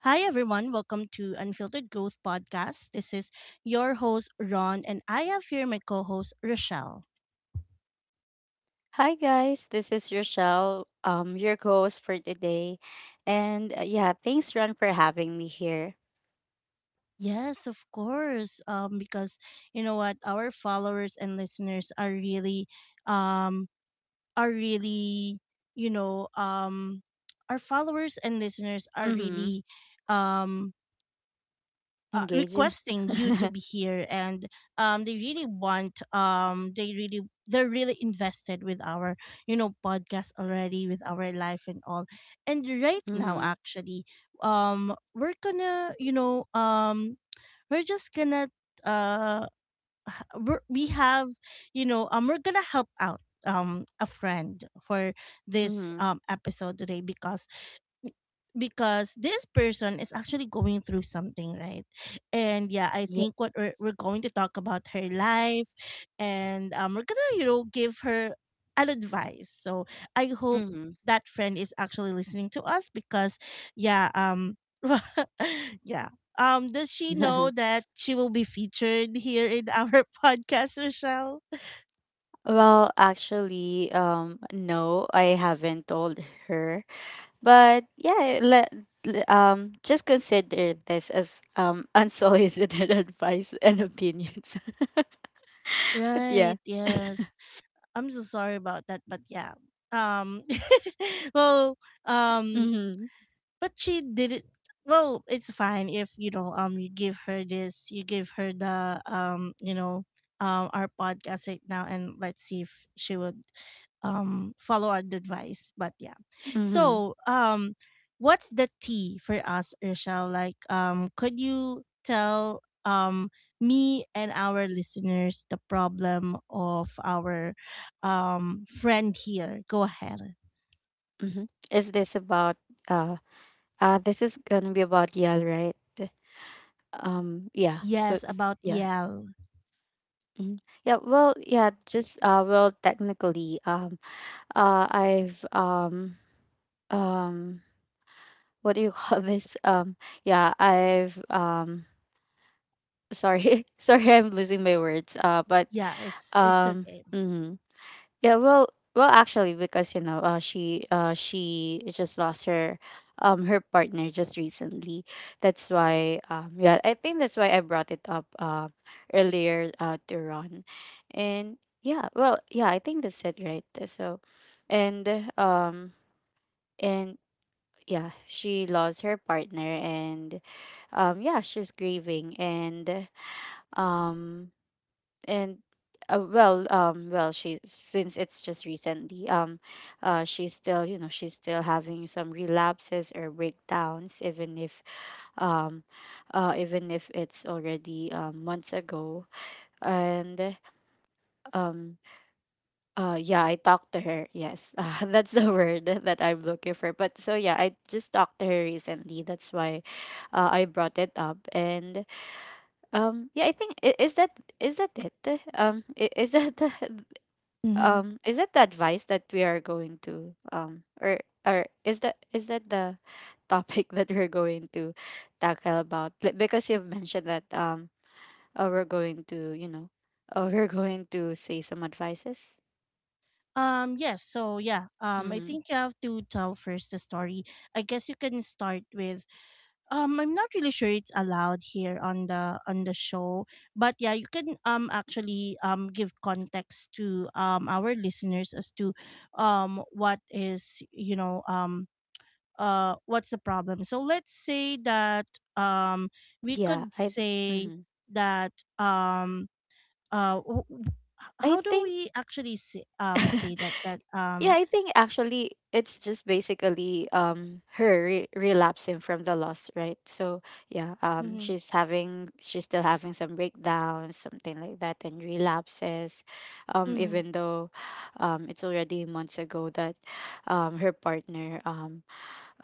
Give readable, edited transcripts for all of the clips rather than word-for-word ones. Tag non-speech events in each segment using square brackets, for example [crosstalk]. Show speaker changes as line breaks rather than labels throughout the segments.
Hi, everyone. Welcome to Unfiltered Growth Podcast. This is your host, Ron, and I have here my co host, Rochelle.
Hi guys, this is Rochelle, your host for today, and yeah, thanks Ron for having me here.
Yes, of course. Because you know what? Our followers and listeners um, are really, you know, um, our followers and listeners are
Mm-hmm.
really, um,
Engaging.
requesting you to be
[laughs]
here and they really want they really they're really invested with our podcast already with our life and all. And right now,
Mm-hmm.
actually, we're gonna we're just gonna uh we have we're gonna help out a friend for this
Mm-hmm.
episode today, because this person is actually going through something, right? And yeah, I
Yeah.
think we're going to talk about her life. And we're gonna give her an advice. So I hope
Mm-hmm.
that friend is actually listening to us, because yeah, [laughs] yeah, does she know
[laughs]
that she will be featured here in our [laughs] podcast, Rochelle?
Well, actually, no, I haven't told her, but yeah, let just consider this as unsolicited [laughs] advice and opinions. [laughs] Yeah.
Right. Yes, I'm so sorry about that, but yeah, um [laughs] well, um
Mm-hmm.
but she didn't. Well, it's fine if you give her this, you give her the our podcast right now, and let's see if she would follow our advice. But yeah,
Mm-hmm.
so what's the tea for us, Rochelle? Like, could you tell me and our listeners the problem of our friend here? Go ahead.
Mm-hmm. Is this about? uh? This is gonna be about Yale, right? Yeah. So
Yes, about
yeah,
Yell.
mhm. Yeah. Well, yeah. Just well, technically, I've um, what do you [laughs] call this? Yeah, I've sorry, [laughs] I'm losing my words. Uh, but
Yeah, it's
um,
okay.
mhm. Yeah, well, actually, because she just lost her partner just recently. That's why, yeah, I think that's why I brought it up, earlier, to Ron, and yeah, yeah, I think that's it, right? So, and um, and yeah, she lost her partner, and, yeah, she's grieving, and um, and well, she, since it's just recently, she's still, she's still having some relapses or breakdowns, um even if it's already months ago, and um yeah, I talked to her, yes. [laughs] That's the word that I'm looking for. But so yeah, I just talked to her recently, that's why I brought it up, and yeah, I think is that it, is that [laughs] the,
Mm-hmm.
is it the advice that we are going to, or is that the [laughs] topic that we're going to tackle about? Like, because you've mentioned that, we're going to, [laughs] we're going to say some advices.
Yes, so yeah. I
Mm-hmm.
think you have to tell first the story. I guess you can start with I'm not really sure it's allowed here on the show, but yeah, you can actually give context to our listeners as to what is, what's the problem. So let's say that um we
yeah
could
I
say
Mm-hmm.
that um uh w- w-
I
how do
think
we actually say, say
[laughs]
that that
Yeah, I think actually it's just basically relapsing from the loss, right? So yeah,
Mm-hmm.
she's still having some breakdowns, something like that, and relapses.
Mm-hmm.
Even though it's already months ago that her partner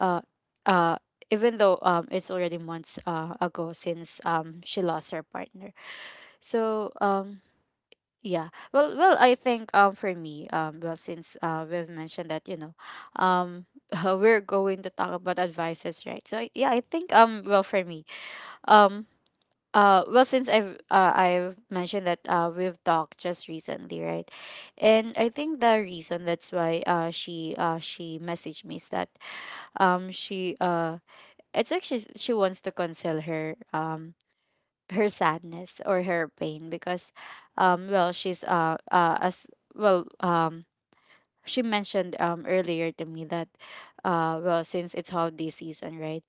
uh uh even though it's already months, ago, since she lost her partner. So yeah. Well, I think for me, well, since we've mentioned that, um [laughs] we're going to talk about advices, right. So yeah, I think, well, for me, um well, since I've mentioned that we've talked just recently, right, and I think the reason that's why she messaged me is that she it's like, she wants to cancel her sadness or her pain, because well, she's as well, she mentioned earlier to me that, well, since it's holiday season, right,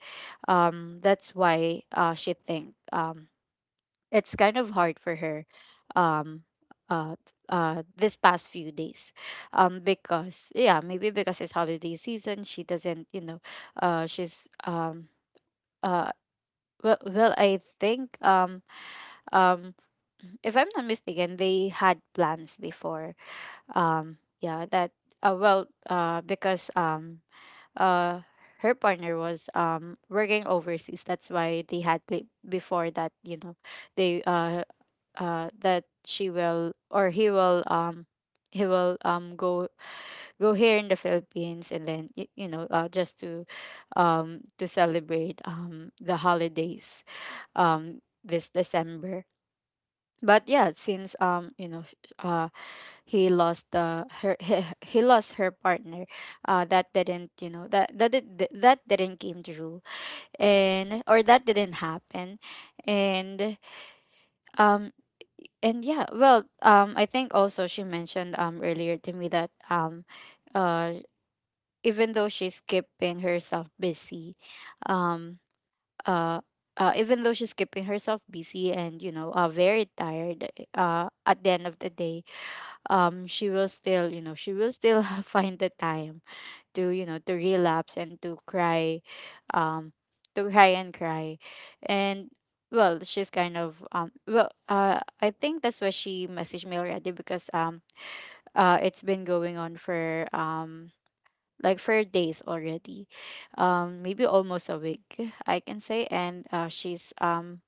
that's why she think, it's kind of hard for her um uh this past few days, because yeah, maybe because it's holiday season, she doesn't, she's uh well, I think, um if I'm not mistaken, they had plans before. Yeah, that, well, because uh, her partner was working overseas. That's why they had before that. You know, they, that she will, or he will, he will um go go here in the Philippines, and then just to celebrate the holidays, um this December. But yeah, since he lost the her [laughs] he lost her partner. That didn't, that didn't came true, and, or that didn't happen, and um and yeah, well, I think also she mentioned earlier to me that, uh even though she's keeping herself busy um uh even though she's keeping herself busy, and very tired, at the end of the day, she will still, she will still [laughs] find the time to, relapse and to cry, um to cry and cry, and well, she's kind of well I think that's why she messaged me already, because it's been going on for, like, for days already, maybe almost a week, I can say, and she's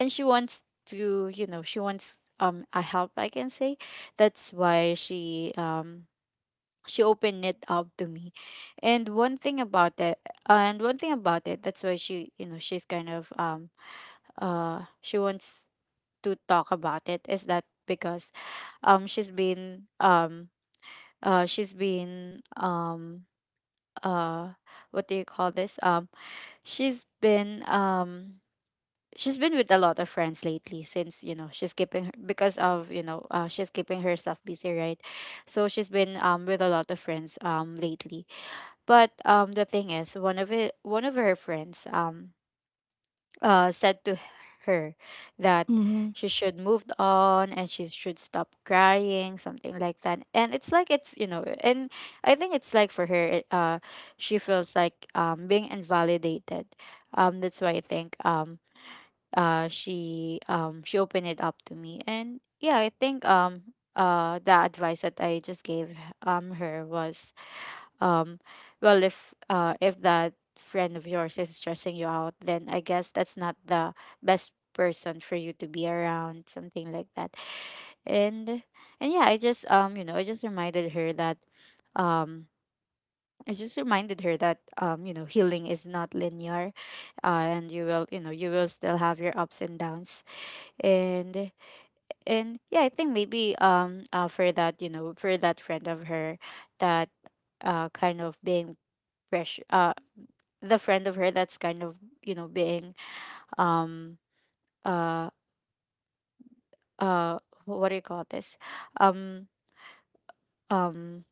and she wants to, she wants a help, I can say. That's why she opened it up to me. And one thing about it and one thing about it, that's why, she she's kind of, she wants to talk about it, is that, because um she's been um she's been uh what do you call this? She's been um she's been with a lot of friends lately, since, she's keeping her, because of, she's keeping herself busy, right, so she's been, with a lot of friends, lately. But the thing is, one of her friends, said to her that
Mhm.
she should move on and she should stop crying, something like that. And it's like, it's you know and I think it's like, for her, she feels like, being invalidated. That's why I think, she opened it up to me. And yeah, I think, the advice that I just gave her was, um well, if, if that friend of yours is stressing you out, then I guess that's not the best person for you to be around, something like that. and and yeah, I just, I just reminded her that, um I just reminded her that, you know, healing is not linear, and you will, you know, you will still have your ups and downs. and and yeah, I think maybe for that, you know, for that friend of her, that, kind of being pressure, the friend of her that's kind of, you know, being, um uh uh what do you call this, um um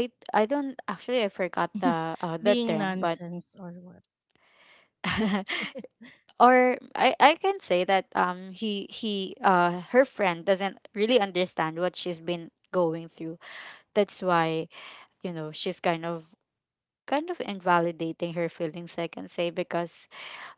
I don't actually, I forgot the, the
Being
term, but
nonsense or what.
[laughs] or I, can say that, he her friend doesn't really understand what she's been going through. That's why, you know, she's kind of, kind of invalidating her feelings, I can say, because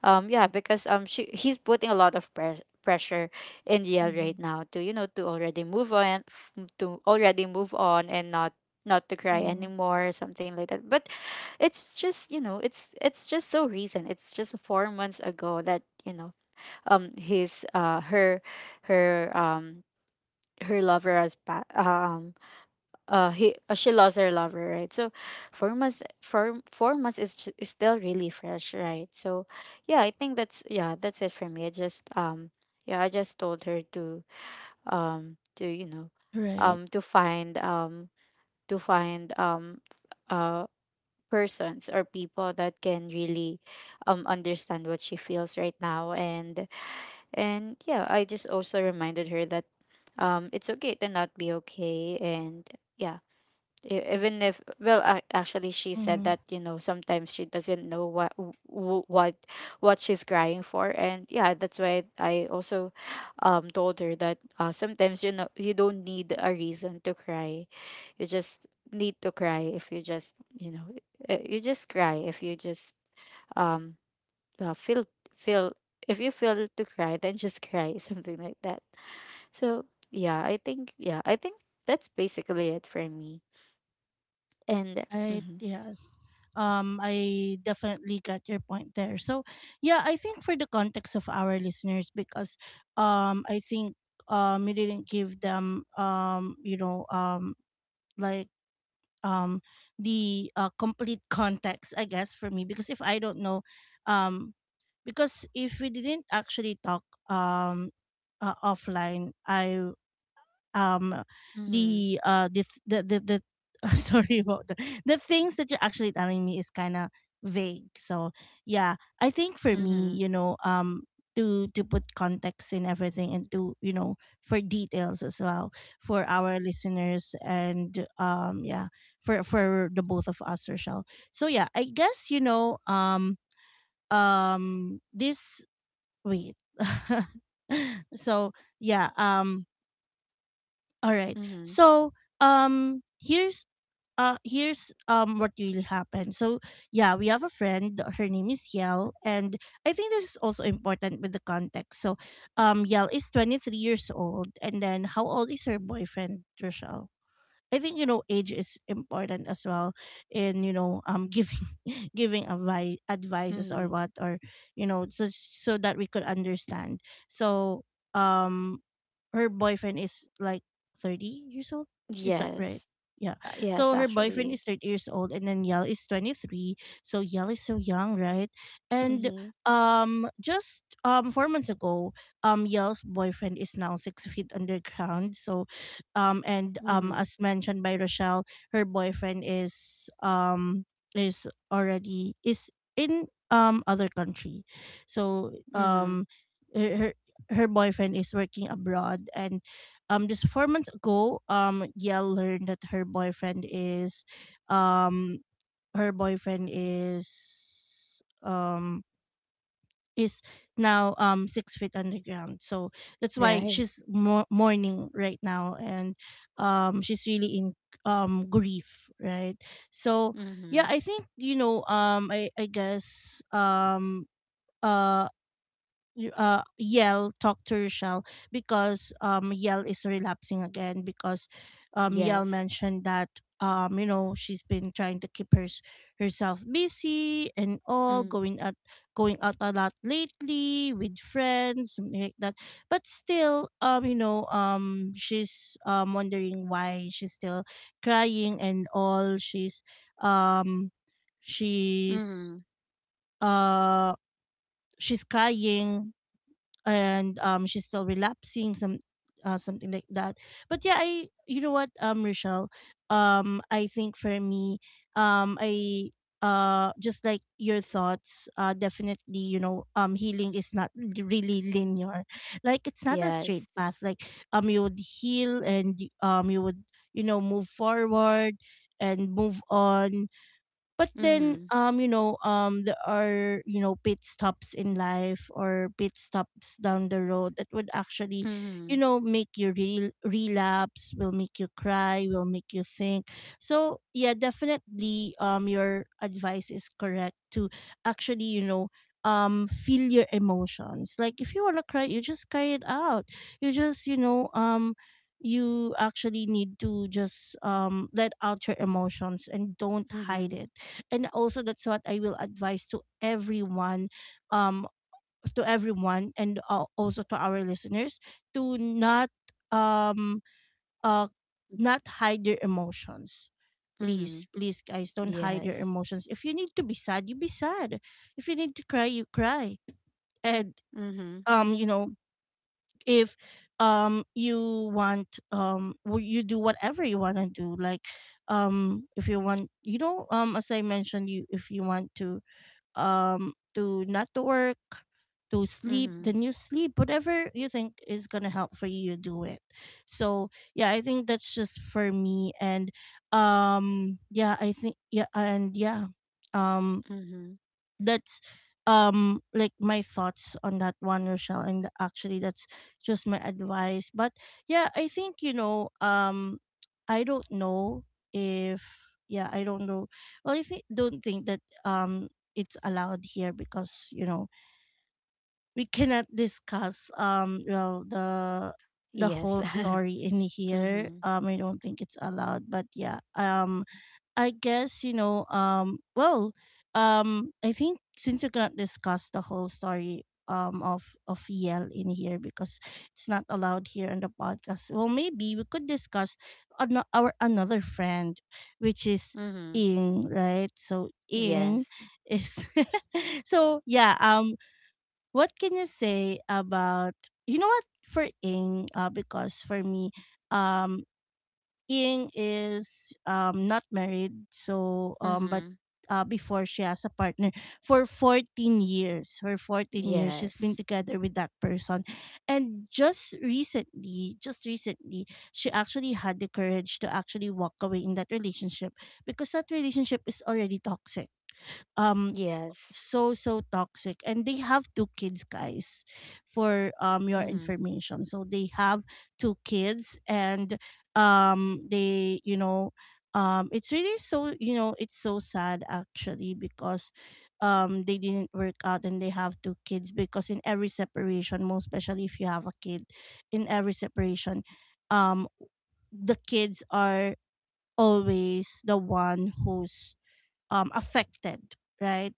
yeah, because she he's putting a lot of pressure in Yale right
Hmm.
now to, you know, to already move on to already move on and not, not to cry
Mm-hmm.
anymore, something like that. But it's just, you know, it's just so recent, it's just 4 months ago that, you know, his her, her, her lover has he she lost her lover, right. So, 4 months, 4 months is, is still really fresh, right. So yeah, I think that's, yeah, that's it for me, I just, yeah, I just told her to, you know,
Right.
to find, to find, uh persons or people that can really, understand what she feels right now. And yeah, I just also reminded her that, it's okay to not be okay. And yeah, even if, well, actually, she said
Hmm.
that, you know, sometimes she doesn't know what what she's crying for. And yeah, that's why I also, told her that, sometimes, you know, you don't need a reason to cry, you just need to cry, if you just, you know, you just cry, if you just, um feel, feel if you feel to cry, then just cry, [laughs] something like that. So yeah, I think, yeah, I think that's basically it for me. And
I
mhm.
yes. I definitely got your point there. So yeah, I think for the context of our listeners, because I think we didn't give them like um the complete context, I guess, for me, because if I don't know um because if we didn't actually talk, um offline, I um
Mhm.
the [laughs] sorry about that. The things that you're actually telling me is kind of vague. So yeah, I think for me,
Mhm.
to put context in everything, and to for details as well for our listeners, and yeah, for the both of us, Rochelle. So yeah, I guess this wait. [laughs] So yeah, all right.
Mhm.
So here's here's what really happened. So yeah, we have a friend. Her name is Yel, and I think this is also important with the context. So Yel is 23 years old, and then how old is her boyfriend, Rochelle? I think age is important as well in giving [laughs] giving advice advices or
Mhm.
what, or so so that we could understand. So um her boyfriend is like 30 years old. Is that right?
Yes.
Yeah.
Yes,
So her boyfriend
actually.
is 30 years old, and then Yell is 23. So Yell is so young, right? And
Mhm.
just 4 months ago, Yell's boyfriend is now 6 feet underground. So and
Mhm.
as mentioned by Rochelle, her boyfriend is already is in other country. So
Mhm.
her her, her boyfriend is working abroad. And just 4 months ago, Yale learned that um her boyfriend is now 6 feet underground. So that's why
Right.
she's mo- mourning right now, and she's really in grief, right? So yeah,
Mhm.
I think I guess uh Yell talk to Rochelle because Yell is relapsing again because Yell
Yes.
mentioned that she's been trying to keep her herself busy and all,
Mhm.
going out a lot lately with friends, something like that. But still, she's wondering why she's still crying and all. She's um she's
Mhm.
uh she's crying, and she's still relapsing, something like that. But yeah, I you know what, Rochelle, I think for me, I just like your thoughts, definitely healing is not l- really linear, like, it's not a straight
Yes.
path. Like, you would heal, and you would move forward and move on. But then,
Mhm.
there are pit stops in life, or pit stops down the road, that would actually
Mhm.
make you re- relapse, will make you cry, will make you think. So yeah, definitely, your advice is correct, to actually feel your emotions, like, if you want to cry, you just cry it out. You just you actually need to just let out your emotions, and don't hide
Mhm.
it. And also, that's what I will advise to everyone, um to everyone, and also to our listeners, to not um uh not hide their emotions. Please
Mhm.
please guys, don't hide your
Yes.
emotions. If you need to be sad, you be sad. If you need to cry, you cry. And
Mhm.
um you know if you want you do whatever you want to do. Like, if you want, as I mentioned, you, if you want to not to work, to sleep,
Mhm.
then you sleep. Whatever you think is gonna help for you, you do it. So yeah, I think that's just for me. And yeah, I think yeah, and yeah, um
Mhm.
that's like my thoughts on that one, Rochelle. And actually that's just my advice, but yeah, I think I don't know if yeah, I don't know. Well, I think, don't think that it's allowed here, because we cannot discuss well, the
Yes.
whole
[laughs]
story in here.
Mhm.
I don't think it's allowed, but yeah, I guess Um. Well. I think since we cannot discuss the whole story of Yale in here because it's not allowed here on the podcast. Well, maybe we could discuss an- our another friend, which is
Mhm.
Ing, right? So Ing
Yes.
is [laughs] so yeah. What can you say about what for Ing? Because for me, um Ying is not married, so but
Mhm.
before she has a partner for 14 years. For 14 years she's been
Yes.
together with that person. And just recently, she actually had the courage to actually walk away in that relationship, because that relationship is already toxic. Um
Yes.
so so toxic, and they have two kids, guys, for your
Mhm.
information. So they have two kids, and they it's really, so it's so sad actually, because they didn't work out, and they have two kids, because in every separation, most especially if you have a kid, in every separation, um the kids are always the one who's affected, right?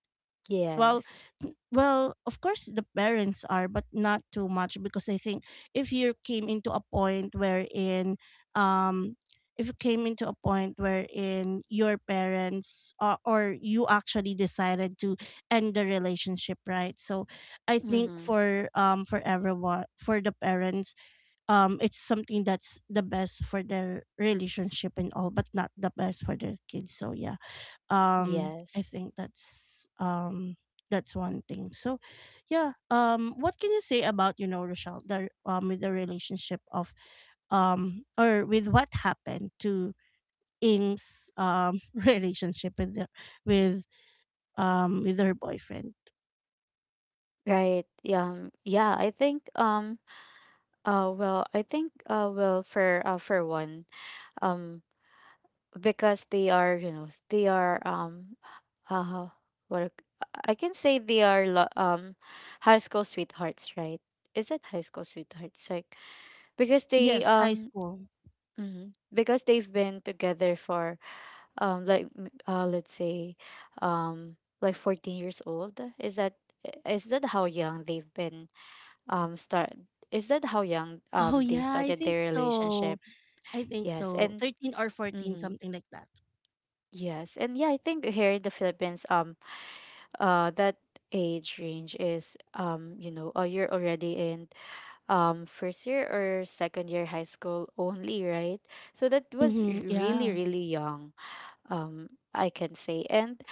Well,
Yes.
n- well, of course the parents are, but not too much, because I think if you came into a point wherein, um, if you came into a point wherein your parents, or you actually decided to end the relationship, right? So, I think
Mhm.
for everyone, for the parents, it's something that's the best for their relationship and all, but not the best for their kids. So yeah, I
Yes.
think that's one thing. So yeah, what can you say about Rochelle, the with the relationship of or with what happened to Ing's [laughs] relationship with the, with with her boyfriend?
Right. Yeah, Yeah. I think. Well. I think. Well. For. For one. Um. Because they are, you know, they are, Uh. What, I can say they are, high school sweethearts, right. Is that high school sweethearts? Like because they,
Yes, high school.
Mhm, because they've been together for, like, let's say, Um. like 14 years old. Is that, is that how young they've been? Start is that how young
Oh
they
yeah, I
started
think
their
so.
relationship?
I think
Yes,
so,
and
13 or 14,
mm-hmm,
something like that.
yes, and yeah, I think here in the Philippines that age range is, you know, you're already in first year or second year high school only, right? So that was
Mm-hmm,
really,
yeah.
really young, um I can say. And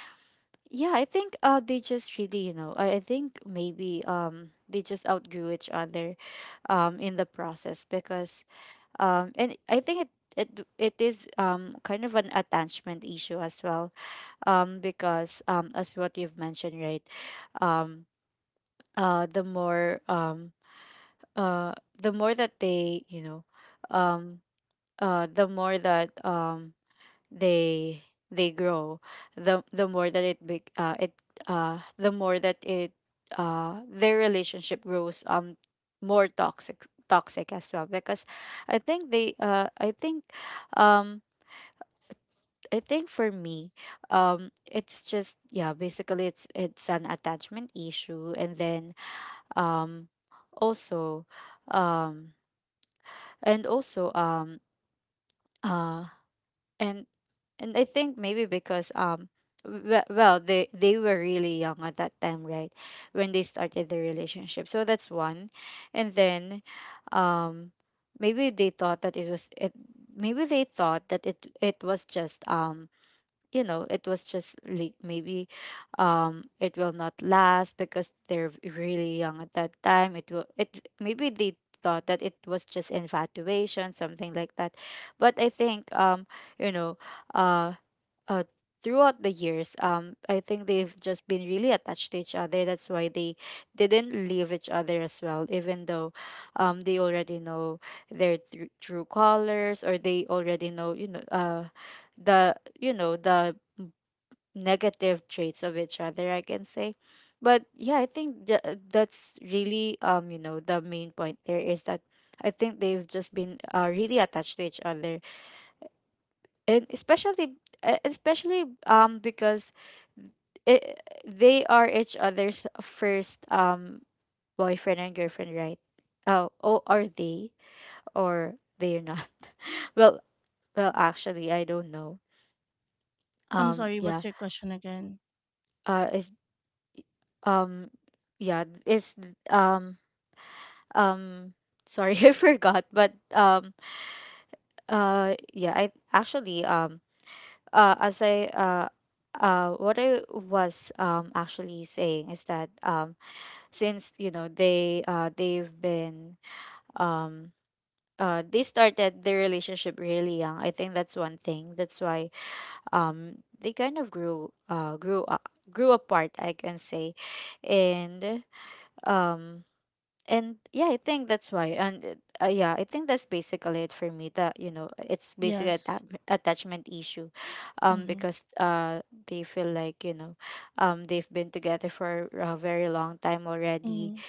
yeah, I think they just really, I think maybe they just outgrew each other in the process, because and I think it it is, kind of an attachment issue as well, because, as what you've mentioned, right? Um uh the more, uh the more that they, you know, um the more that, they they grow, the more that it, the more that it, their relationship grows more toxic, toxic as well, because I think, um I think for me, it's just, yeah, basically it's an attachment issue. And then, um also, um and also, uh and and I think maybe because, well, they were really young at that time, right? When they started their relationship, so that's one. And then, um maybe they thought that it was it maybe they thought that it was just, you know, it was just like maybe, it will not last because they're really young at that time. It will it Maybe they thought that it was just infatuation, something like that. But I think, you know, uh uh, throughout the years, I think they've just been really attached to each other. That's why they didn't leave each other as well, even though, they already know their true colors, or they already know, you know, the, you know, the negative traits of each other, I can say. But yeah, I think that's really, you know, the main point there is that I think they've just been really attached to each other. And especially especially because it, they are each other's first boyfriend and girlfriend, right? Oh, oh, are they, or they are not? [laughs] Well, well, actually, I don't know,
I'm sorry,
yeah.
what's your question again?
Is um yeah, it's, um um sorry, [laughs] I forgot, but yeah, I actually, as I, what I was actually saying is that, since, you know, they've been, um they started their relationship really young. I think that's one thing. That's why they kind of grew up, grew apart, I can say. And, um and yeah, I think that's why. Yeah, I think that's basically it for me, that, you know, it's basically a
Yes.
attachment issue,
Mm-hmm.
because, they feel like, you know, they've been together for a very long time already.
Mm-hmm.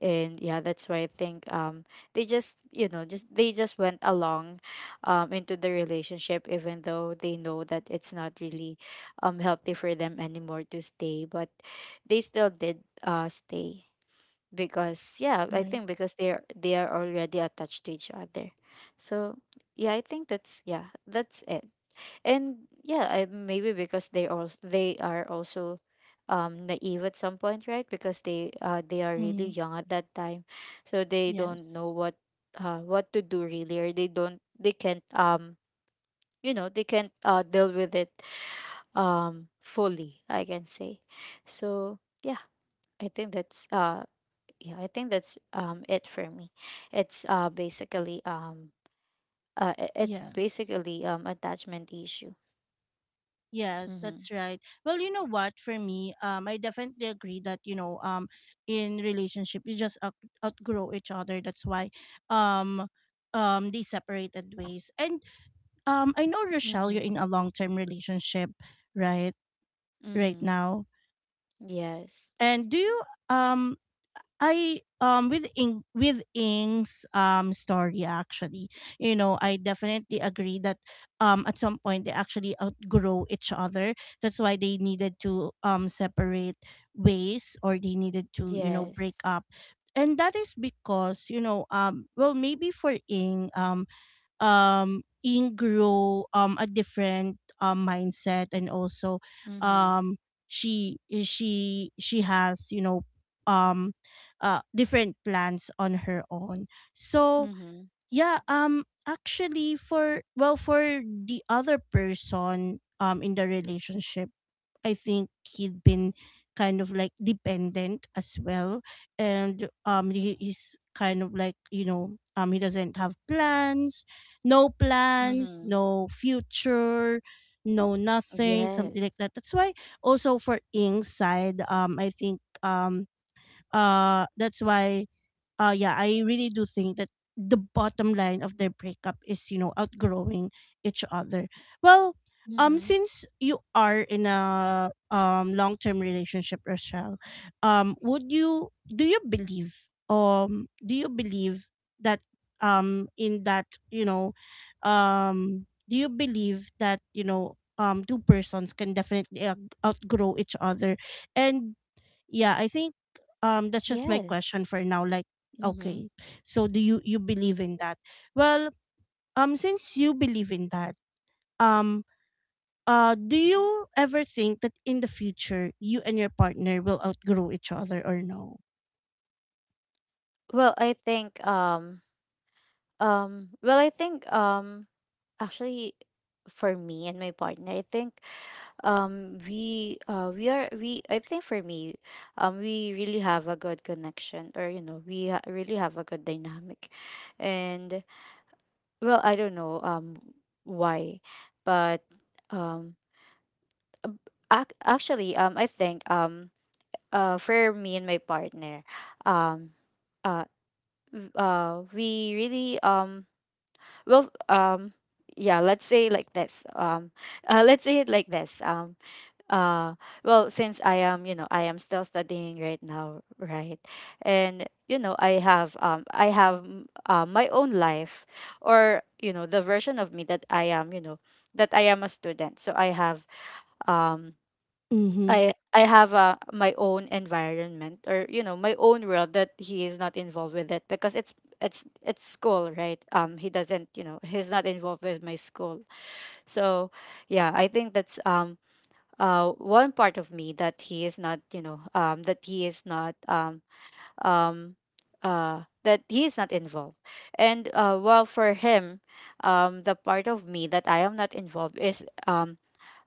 And yeah, that's why I think, they just, you know, just they just went along into the relationship, even though they know that it's not really healthy for them anymore to stay, but they still did stay, because, yeah, I
Right.
think because they are already attached to each other. So yeah, I think that's, yeah, that's it. And yeah, I, maybe because they are also naive at some point, right? Because they are really
Mm-hmm.
young at that time. So they don't
Yes.
know what, what to do really, or they can't, you know, they can't deal with it fully, I can say. So yeah, I think that's yeah, I think that's it for me. It's basically, it's
Yes.
basically, attachment issue.
Yes,
Mm-hmm.
that's right. Well, you know what? For me, I definitely agree that in relationship, you just out- outgrow each other. That's why, um, they separated ways. And I know, Rochelle, you're
Mm-hmm.
in a long-term relationship, right? Right
Mm-hmm.
now.
Yes.
And do you um I with Ing, with Ing's story, actually, I definitely agree that at some point they actually outgrow each other. That's why they needed to separate ways, or they needed to, you know, break
Yes.
up. And that is because, you know, well maybe for Ing ingrow a different mindset and also
Mm-hmm.
um she she has, you know, um different plans on her own. So
Mm-hmm.
yeah, actually for, well, for the other person in the relationship, I think he'd been kind of like dependent as well, and he's kind of like, you know, he doesn't have plans,
Mm-hmm.
no future, no nothing,
Yes.
something like that. That's why also for Ing's side, I think that's why, yeah, I really do think that the bottom line of their breakup is, you know, outgrowing each other. Well,
Mm-hmm.
since you are in a long-term relationship, Rochelle, would you, do you believe, do you believe that in that, you know, do you believe that, you know, two persons can definitely outgrow each other? And yeah, I think that's just my
Yes.
question for now, like,
Mm-hmm.
okay, so do you, you believe in that? Well, since you believe in that, um do you ever think that in the future you and your partner will outgrow each other or no?
Well, I think, well, I think, actually, for me and my partner, I think, we I think for me, we really have a good connection, or, you know, really have a good dynamic. And, well, I don't know, why, but, um ab- actually, I think, for me and my partner, um uh we really, well, yeah, let's say like this, let's say it like this, uh well, since I am, you know, I am still studying right now, right? And you know, I have, my own life, or, you know, the version of me that I am, you know, that I am a student, so I have, um
mm-hmm
I have, my own environment, or, you know, my own world that he is not involved with, it because it's, it's school, right? He doesn't, you know, he's not involved with my school. So yeah, I think that's, one part of me that he is not, you know, that he is not, um that he is not involved. And, well, for him, the part of me that I am not involved is, um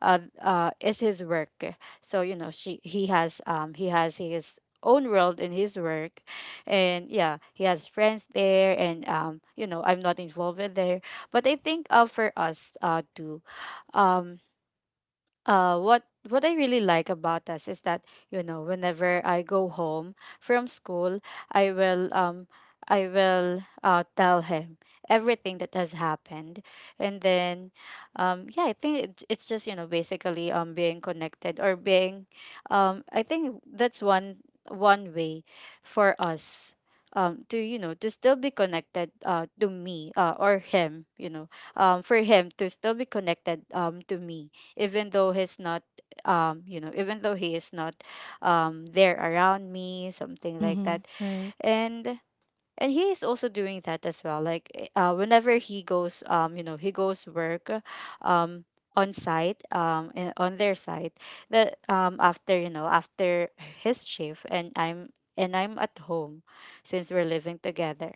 uh, uh is his work. So, you know, she he has, he has his own world in his work. And yeah, he has friends there, and, you know, I'm not involved in there. But I think, for us too, um uh what what I really like about us is that, you know, whenever I go home from school, I will, I will, tell him everything that has happened. And then, yeah, I think it's just, you know, basically, being connected or being, I think that's one, one way for us to, you know, to still be connected, to me or him, you know, for him to still be connected to me, even though he's not, you know, even though he is not, there around me, something like
Mm-hmm.
that.
Right.
and and he is also doing that as well, like, whenever he goes, you know, he goes work um on site, on their site, that after, you know, after his shift, and I'm at home, since we're living together,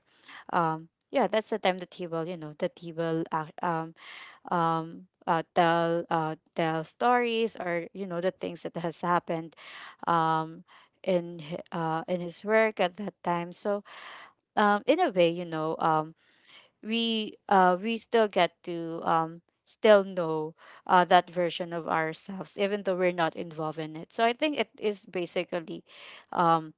yeah, that's the time that he will, you know, that he will tell stories, or, you know, the things that has happened um in in his work at that time. So, in a way, you know, we still get to, still know that version of ourselves, even though we're not involved in it. So I think it is basically, um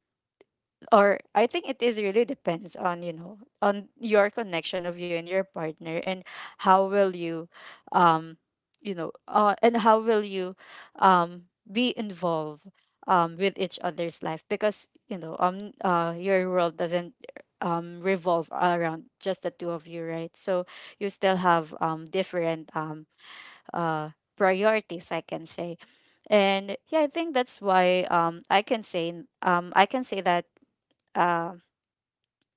or I think it is really depends on, you know, on your connection of you and your partner, and how will you, um you know, and how will you be involved with each other's life, because, you know, your world doesn't revolve around just the two of you, right? So you still have, different, uh priorities, I can say. And yeah, I think that's why, I can say, I can say that, uh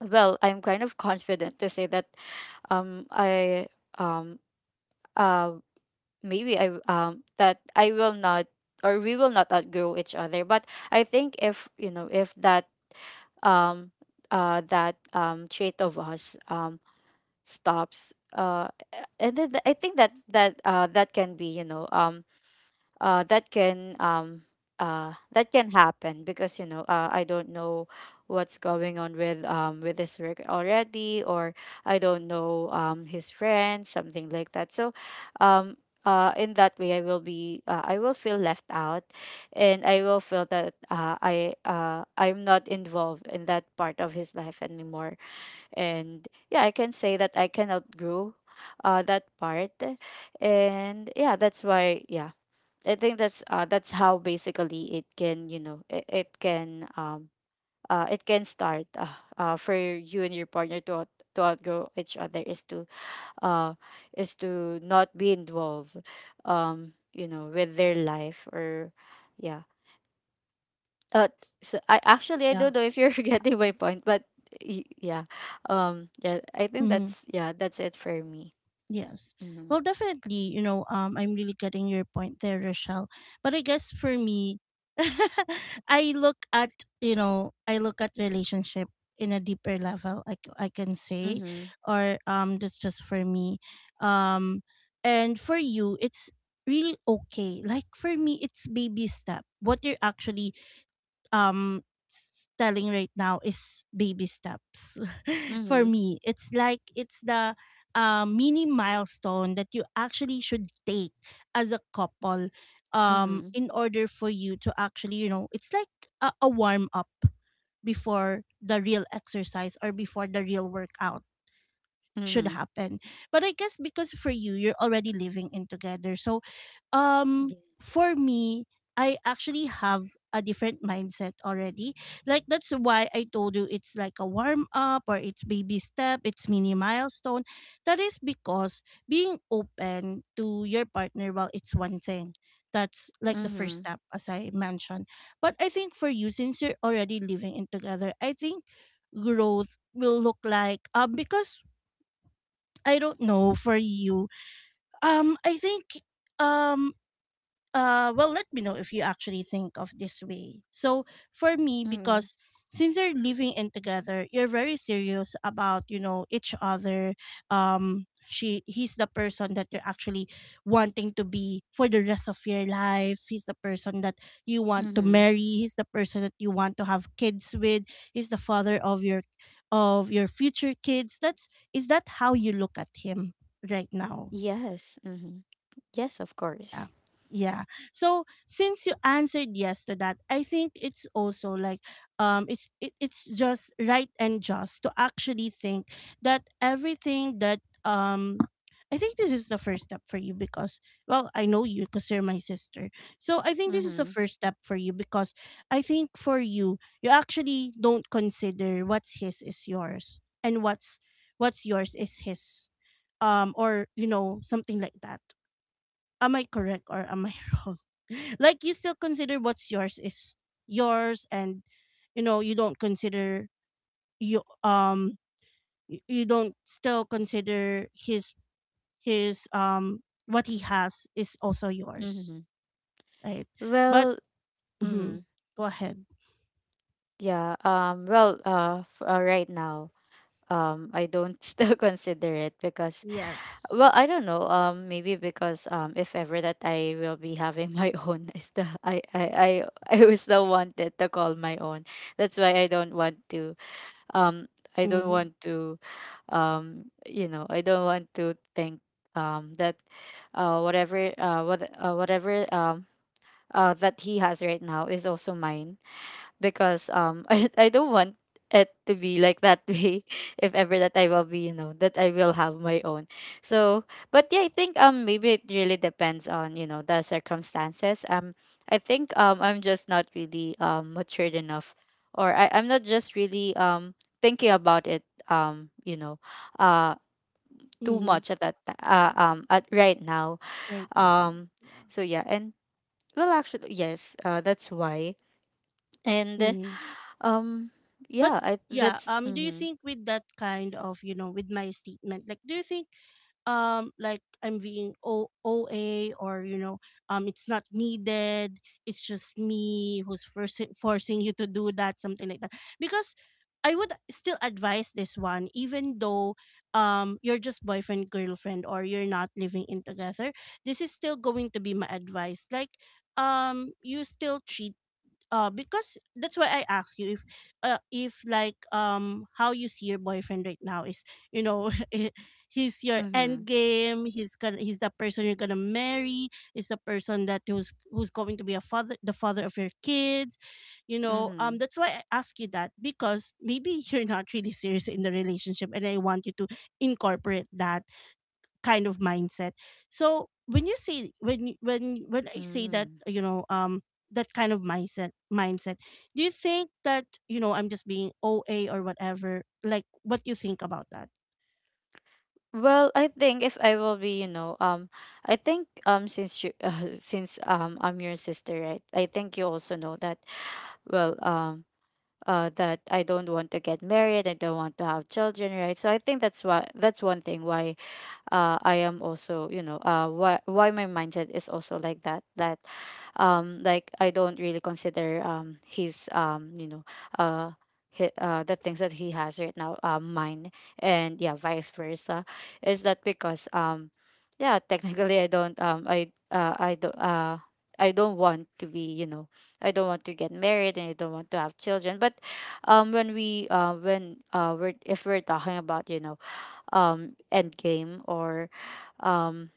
well, I'm kind of confident to say that, I, um uh maybe I, that I will not, or we will not outgrow each other. But I think if, you know, if that, um that trait of us stops, and then, I think that that, that can be, you know, that can, that can happen, because, you know, I don't know what's going on with, with his work already, or I don't know, his friends, something like that. So, um in that way, I will be, I will feel left out, and I will feel that, I'm not involved in that part of his life anymore. And yeah, I can say that I can outgrow that part. And yeah, that's why, yeah, I think that's, that's how basically it can, you know, it can, it can start, for you and your partner to to outgrow each other is to, uh is to not be involved, you know, with their life, or, yeah, uh so I actually, I don't know if you're [laughs] getting my point, but yeah. Yeah, I think
Yeah.
that's, yeah, that's it for me.
Yes.
Mm-hmm.
Well, definitely, you know, I'm really getting your point there, Rochelle. But I guess for me, [laughs] I look at, you know, I look at relationship in a deeper level, c- I can say,
Mm-hmm.
or that's just for me. Um, and for you, it's really okay. Like for me, it's baby step. What you're actually um s- telling right now is baby steps. [laughs] For
Mm-hmm.
me, it's like it's the mini milestone that you actually should take as a couple
Mm-hmm.
in order for you to actually, you know, it's like a warm up before the real exercise or before the real workout should
Mm-hmm.
happen. But I guess because for you, you're already living in together. So, um, for
Yes.
me, I actually have a different mindset already. Like that's why I told you it's like a warm up or it's baby step, it's mini milestone. That is because being open to your partner, well, it's one thing. That's like the first
Mm-hmm.
step, as I mentioned. But I think for you, since you're already living in together, I think growth will look like, because I don't know for you. I think um well, let me know if you actually think of this way. So for me,
Mm-hmm.
because since you're living in together, you're very serious about, you know, each other. She, he's the person that you're actually wanting to be for the rest of your life. He's the person that you want to
Mm-hmm.
marry. He's the person that you want to have kids with. He's the father of your, of your future kids. That's, is that how you look at him right now?
Yes. Mm-hmm. Yes, of
Yeah.
course.
Yeah. So since you answered yes to that, I think it's also like it's, it's just right and just to actually think that everything that um I think this is the first step for you because, well, I know you because you're my sister. So I think this is the
Mm-hmm.
first step for you because I think for you, you actually don't consider what's his is yours and what's yours is his. Or you know, something like that. Am I correct or am I [laughs] wrong? Like, you still consider what's yours is yours and you know you don't consider you, y- you don't still consider his, what he has is also yours,
Mm-hmm.
right? But
Well, mm-hmm,
mhm, go ahead.
yeah. Right now, I don't [laughs] still consider it because,
Yes.
well, I don't know. Maybe because, if ever that I will be having my [laughs] own, is the I was the one to call my own. That's why I don't want to. Um. I don't
Mhm.
want to. I don't want to think that whatever whatever that he has right now is also mine because [laughs] I don't want it to be like that way. [laughs] If ever that I will have my own, so but yeah, I think maybe it really depends on, you know, the circumstances. I think I'm just not really matured enough, or I'm not just really thinking about it, um you know uh too
Mhm.
much at at right now.
Right now.
um
Yeah.
so yeah, and, well, actually, yes, that's why. And
Mhm.
um
But
yeah, I
yeah,
that's
do you
mm-hmm,
think with that kind of, you know, with my statement, like do you think like I'm being o- OA, or you know, it's not needed, it's just me who's forcing you to do that, something like that? Because I would still advise this one, even though you're just boyfriend girlfriend or you're not living in together. This is still going to be my advice. Like you still treat, because that's why I ask you if like how you see your boyfriend right now, is, you know, [laughs] eh, he's your
mm-hmm,
end game he's gonna, he's the person you're gonna marry, is the person that who's, who's going to be a father, the father of your kids, you know,
mm-hmm,
that's why I ask you that, because maybe [laughs] you're not really serious in the relationship and I want you to incorporate that kind of mindset. So when you say, when you- when I say that,
mm-hmm.
you know, that kind of mindset, do you think that, you know, I'm just being OA or whatever? Like, what do you think about that?
Well, I think if I will be, you know, I think since you [laughs] since I'm your sister, right? I think you also know that, well, that I don't want to get married, I don't want to have children, right? So I think that's why, that's one thing, why I am also, you know, why my mindset is also like that, that like I don't really consider his you know, uh the things that he has right now, mine, and yeah, vice versa. Is that because yeah, technically I don't I don't I don't want to be, you know, I don't want to get married and I don't want to have children. But when we when we're, if we're talking about, you know, endgame um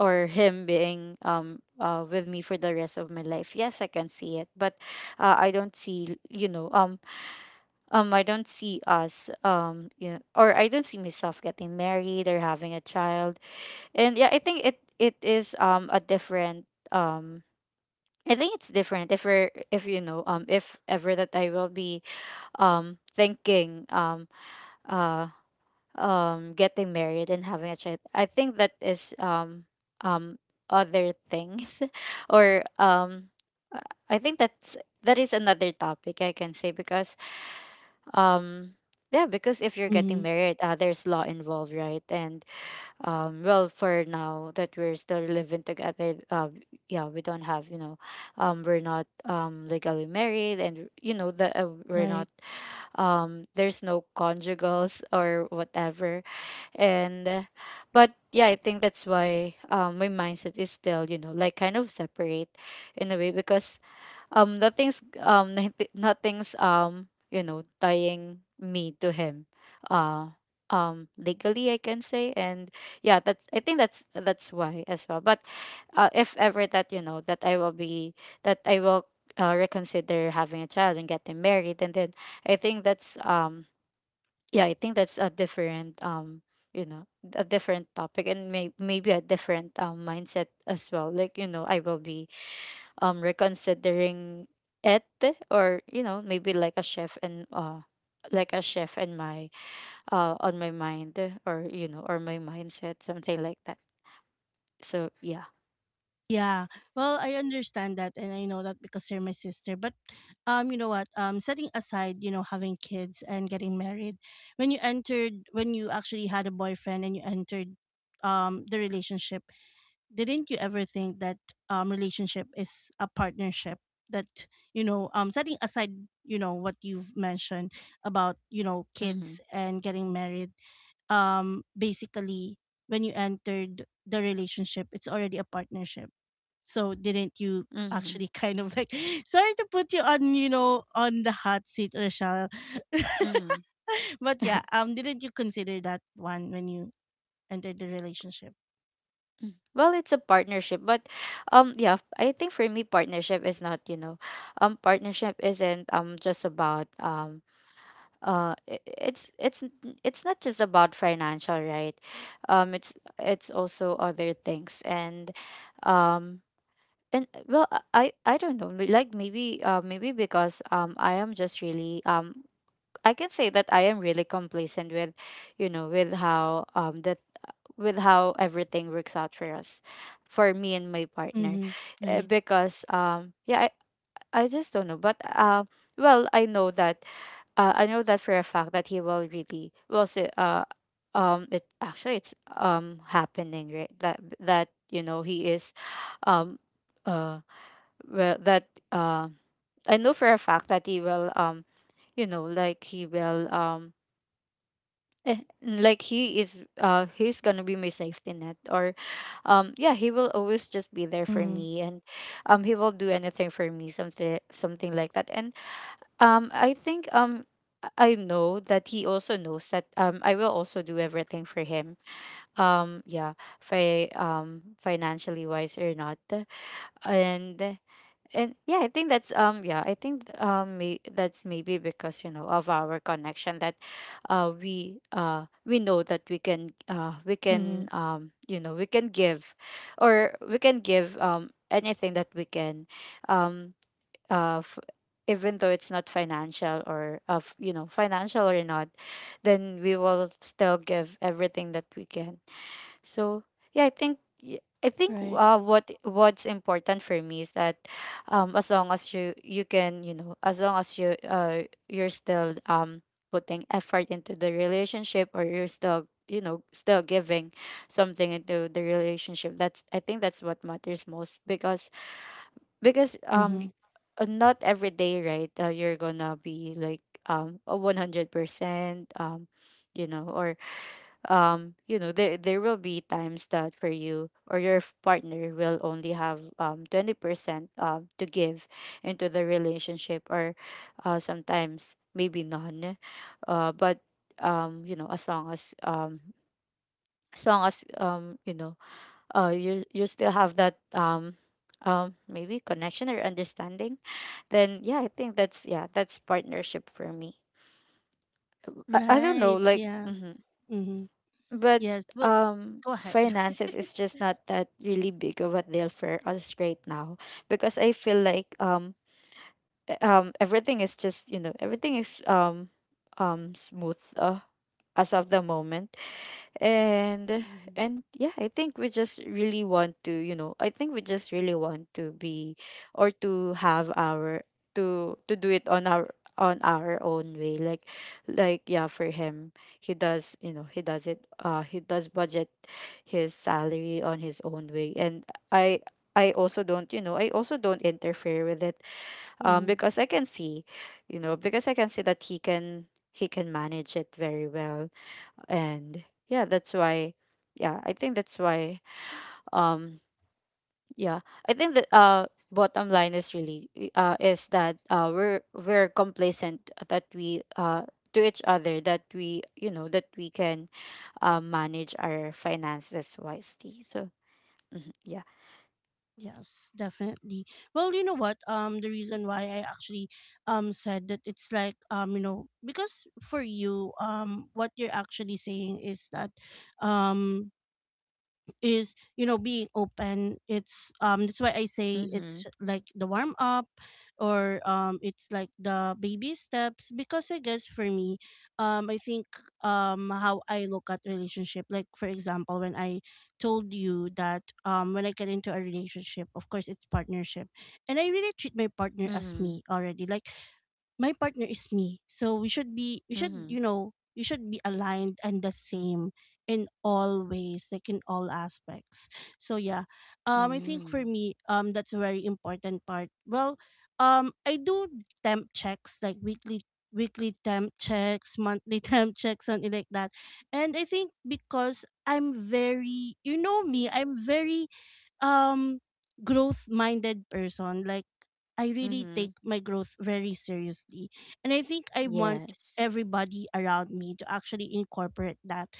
or him being with me for the rest of my life, yes, I can see it. But I don't see, you know, I don't see us you know, or I don't see myself getting married or having a child. And yeah, I think it is a different um I think it's different if we're, if you know, if ever that I will be thinking uh getting married and having a child, I think that is um other things, [laughs] or I think that's, that is another topic, I can say, because um yeah, because if you're getting
Hmm.
married, there's law involved, right? And well, for now that we're still living together, yeah, we don't have, you know, we're not legally married, and you know, the we're
Right.
not there's no conjugals or whatever. And but yeah, I think that's why my mindset is still, you know, like kind of separate in a way, because nothing's [laughs] nothing's you know, tying me to him, uh legally, I can say. And yeah, that's, I think that's why as well. But if ever that, you know, that I will that i will reconsider having a child and getting married, and then I think that's yeah, I think that's a different you know, a different topic, and maybe a different mindset as well, like, you know, I will be reconsidering it, or you know, maybe like a chef, and like a chef and my on my mind, or you know, or my mindset, something like that. So yeah,
Yeah. Well, I understand that and I know that because you're my sister. But you know what? Setting aside, you know, having kids and getting married, when you entered, when you actually had a boyfriend and you entered the relationship, didn't you ever think that relationship is a partnership, that you know, setting aside, you know, what you've mentioned about, you know,
mm-hmm.
kids and getting married, basically, when you entered the relationship, it's already a partnership, so didn't you
Mm-hmm.
actually [laughs] kind of like [laughs] sorry to put you on, you know, on the hot seat, Rochelle.
Mm-hmm.
[laughs] But yeah, didn't you consider that one when you entered the relationship?
Well, it's a partnership, but yeah, I think for me partnership is not, you know, partnership isn't just about it's not just about financial, right? um it's it's also other things. And um and well, I I don't know, like maybe maybe because I am just really I can say that I am really complacent with, you know, with how that, with how everything works out for us, for me and my partner.
Mm-hmm. Right.
Because yeah, I I just don't know. But well, I know that I know that for a fact that he will really will say it actually, it's happening right, that that, you know, he is um uh well that I know for a fact that he will you know, like he will like he is, he's gonna be my safety net, or yeah, he will always just be there for
Mm-hmm.
me. And he will do anything for me, something, something like that. And I think I know that he also knows that I will also do everything for him. Yeah, financially wise or not. And and yeah, I think that's yeah, I think that's maybe because, you know, of our connection, that we know that we can
Mhm.
you know, we can give, or we can give anything that we can. um, uh f- Even though it's not financial, or of, you know, financial or not, then we will still give everything that we can. So yeah, I think I think
Right.
what, what's important for me is that as long as you, you can, you know, as long as you you're still putting effort into the relationship, or you're still, you know, still giving something into the relationship, that's, I think that's what matters most. Because
Mm-hmm.
not every day, right? You're gonna be like a 100% um you know, or you know, there will be times that for you or your partner will only have 20% to give into the relationship, or sometimes maybe none. But you know, as long as you know, you, you still have that maybe connection or understanding, then yeah, I think that's, yeah, that's partnership for me. I don't know,
Right.
like,
Yeah.
hmm.
Mm-hmm.
But
Yes. Well, go ahead. [laughs]
finances is just not that really big of a deal for us right now, because I feel like everything is just, you know, everything is smooth, as of the moment. and
Mm-hmm.
and yeah, I think we just really want to, you know, I think we just really want to be, or to have our, to do it on our, on our own way. Like yeah, for him, he does, you know, he does it, he does budget his salary on his own way. And I I also don't, you know, I also don't interfere with it,
Mm-hmm.
because I can see, you know, because I can see that he can, he can manage it very well. And yeah, that's why, yeah, I think that's why um yeah, I think that bottom line is really is that we're complacent, that we to each other, that we, you know, that we can manage our finances wisely. So mhm, yeah,
Yes, definitely. Well, you know what? The reason why I actually said that it's like, you know, because for you, what you're actually saying is that um is, you know, being open, it's, that's why I say
mm-hmm,
it's like the warm up or it's like the baby steps. Because I guess for me, I think how I look at relationship, like for example when I told you that, when I get into a relationship, of course it's partnership, and I really treat my partner as
mm-hmm,
me already. Like my partner is me. So we should be, we should,
mm-hmm,
you know, we should be aligned and the same in all ways, like in all aspects. So yeah. I think for
mm-hmm,
me, that's a very important part. Well, I do temp checks like weekly temp checks, monthly [laughs] temp checks, something like that. And I think because I'm very, you know, me, I'm very um growth minded person. Like, I really
mm-hmm,
take my growth very seriously. And I think I want
yes,
everybody around me to actually incorporate that.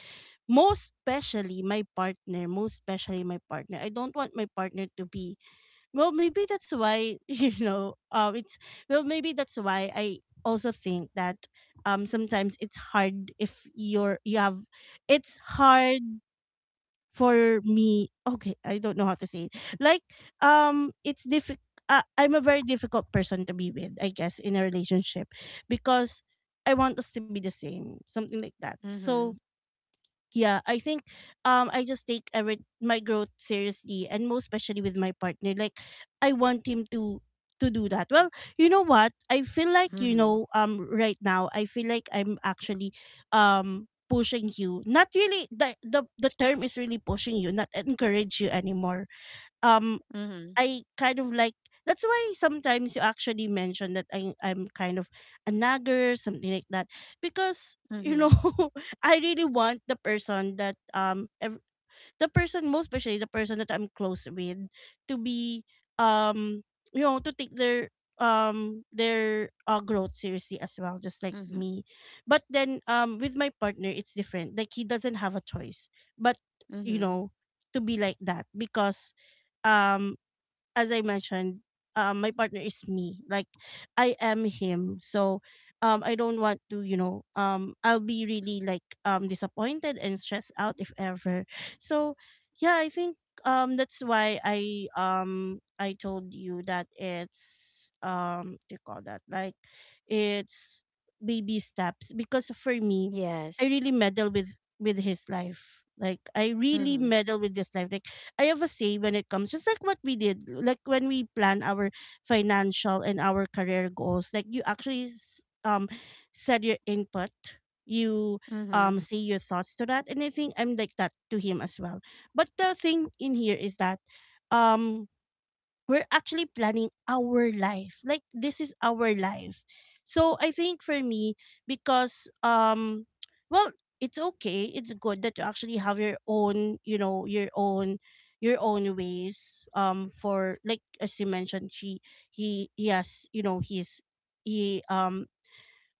Most especially my partner, most especially my partner. I don't want my partner to be, well maybe that's why [laughs] you know, it's, well maybe that's why I also think that sometimes it's hard if you're, you have, it's hard for me. Okay, I don't know how to say it, like, it's difficult, I'm a very difficult person to be with, I guess, in a relationship, because I want us to be the same, something like that. So
mm-hmm,
yeah, I think I just take every, my growth seriously, and most especially with my partner. Like I want him to do that well. You know what, I feel like, you
mm-hmm,
know, right now I feel like I'm actually pushing you, not really, the term is really pushing you, not encourage you anymore. um
mm-hmm,
I kind of like, that's why sometimes you actually mention that I'm kind of a nagger, something like that. Because you
mm-hmm,
know, [laughs] I really want the person that the person, most especially the person that I'm close with, to be um you know, to take their growth seriously as well, just like
mm-hmm,
me. But then with my partner it's different, like he doesn't have a choice but, you
mm-hmm,
know, to be like that, because um as I mentioned, my partner is me. Like I am him. So I don't want to, you know, I'll be really like disappointed and stressed out if ever. So yeah, I think that's why I, I told you that it's, what do you call that, like it's baby steps. Because for me, I
yes,
really meddle with his life. Like I really
mm-hmm,
meddle with his life. Like I have a say when it comes, just like what we did, like when we plan our financial and our career goals, like you actually said your input, you
mm-hmm,
say your thoughts to that, and I think I'm like that to him as well. But the thing in here is that um we're actually planning our life. Like this is our life. So I think for me, because um well, it's okay. It's good that you actually have your own, your own your own ways. For like as you mentioned, she he has, he's he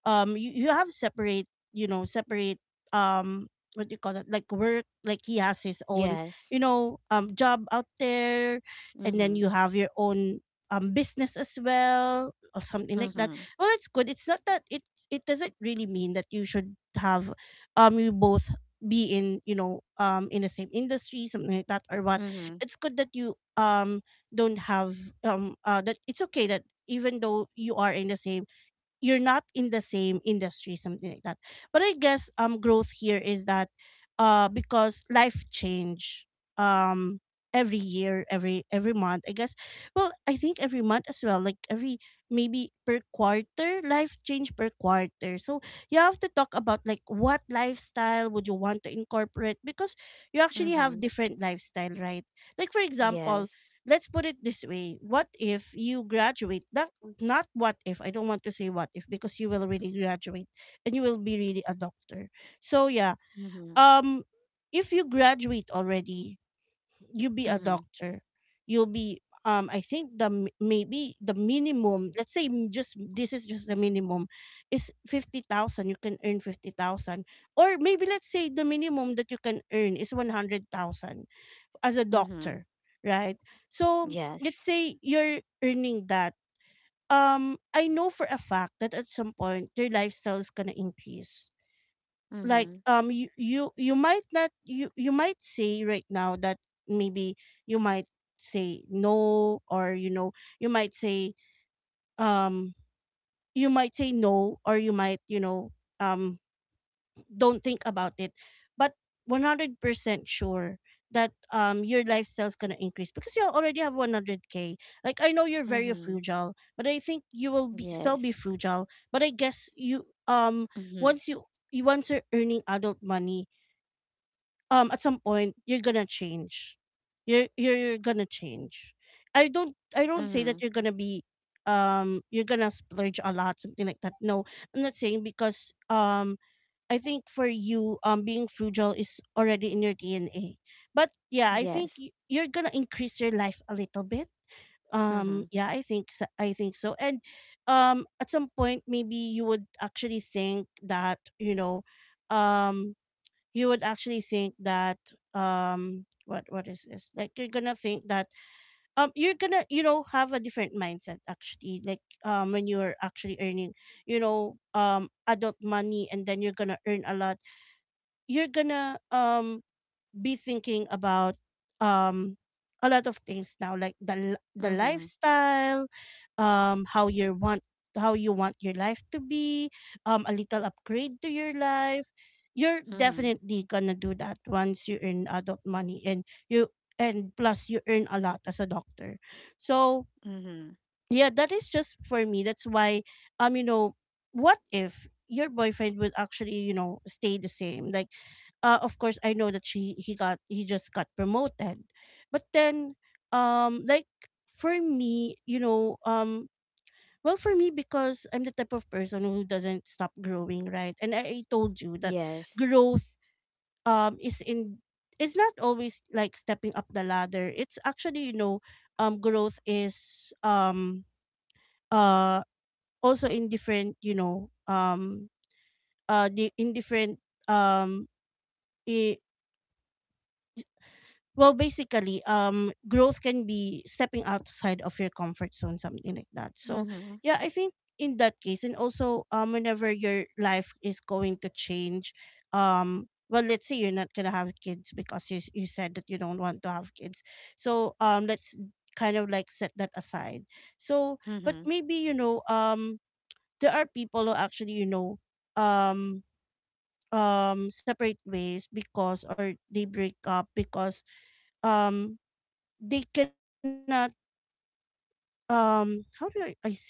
you, you have separate separate um what do you call it, like work, like he has his own
yes.
job out there, and then
Mhm.
you have your own business as well, or something like that.
Mhm.
Well, it's good. It's not that it doesn't really mean that you should have you both be in, in the same industry, something like that, or what.
Mhm.
It's good that you don't have that. It's okay that even though you are in the same, you're not in the same industry, something like that. But I guess growth here is that, because life change, um every year, every month, I guess. Well, I think every month as well, like every, maybe per quarter, life change per quarter. So you have to talk about like what lifestyle would you want to incorporate, because you actually have
Mhm.
different lifestyle, right? Like for example,
Yes.
let's put it this way, what if you graduate that, not what if, I don't want to say what if, because you will really graduate and you will be really a doctor, so yeah.
Mhm.
um if you graduate already, you be a
Mhm.
doctor, you'll be, I think the maybe the minimum, let's say, just this is just the minimum is 50,000. You can earn 50,000, or maybe let's say the minimum that you can earn is 100,000 as a
Mhm.
doctor, right? So let's
Yes.
say you're earning that. I know for a fact that at some point their lifestyle is gonna increase. Like
Mhm.
you might not, you might say right now that maybe you might say no, or you know, you might say, um you might say no, or you might, you know, um don't think about it. But 100% sure that your lifestyle's gonna increase because you already have 100k. Like I know you're very
Mhm.
frugal, but I think you will be still be
Yes.
frugal. But I guess you
Mhm.
once you, once you're earning adult money, at some point you're gonna change. You're gonna change. I don't say that
Mhm.
you're gonna be, you're gonna splurge a lot, something like that, no. I'm not saying, because I think for you, being frugal is already in your DNA. But yeah, I think
Yes.
you're gonna increase your life a little bit.
Mhm.
Yeah, I think so. I think so. And at some point, maybe you would actually think that, you know, um, you would actually think that, what is this? Like you're gonna think that, you're gonna, you know, have a different mindset actually. Like when you're actually earning, you know, adult money, and then you're gonna earn a lot. You're gonna be thinking about um a lot of things now, like the
Mhm.
lifestyle, how you want, how you want your life to be, a little upgrade to your life. You're
Mhm.
definitely gonna do that once you earn adult money, and you, and plus you earn a lot as a doctor, so
Mhm.
yeah. That is just for me, that's why, you know, what if your boyfriend would actually, you know, stay the same? Like of course I know that she he got he just got promoted, but then, like for me, well, for me, because I'm the type of person who doesn't stop growing, right? And I told you that
Yes.
growth is in, it's not always like stepping up the ladder. It's actually, you know, growth is, uh also in different, in different, um i- well, basically growth can be stepping outside of your comfort zone, something like that. So
Mhm.
yeah, I think in that case. And also, whenever your life is going to change, well, let's say you're not gonna have kids, because you said that you don't want to have kids, so let's kind of like set that aside. So, but
Mhm.
maybe, you know, there are people who actually, you know, um separate ways, because, or they break up because um they cannot, how do I say that,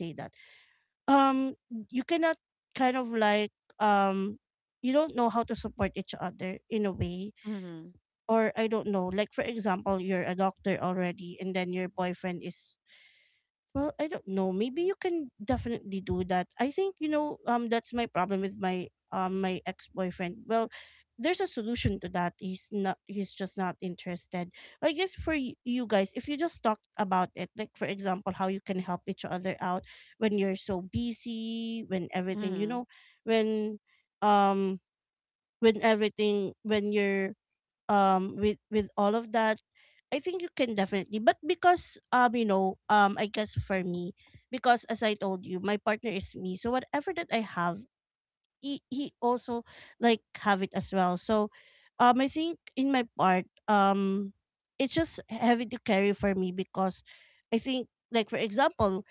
um you cannot kind of like, um you don't know how to support each other in a way.
Mhm.
Or I don't know, like for example, you're a doctor already and then your boyfriend is, well, I don't know. Maybe you can definitely do that. I think, you know, that's my problem with my ex-boyfriend. Well, there's a solution to that. He's just not interested. I guess for you guys, if you just talk about it, like for example, how you can help each other out when you're so busy, when everything, you know,
Mhm.
when um when everything, when you're with all of that, I think you can definitely. But because you know, I guess for me, because as I told you, my partner is me. So whatever that I have, he also like have it as well. So I think in my part, it's just heavy to carry for me, because I think, like for example,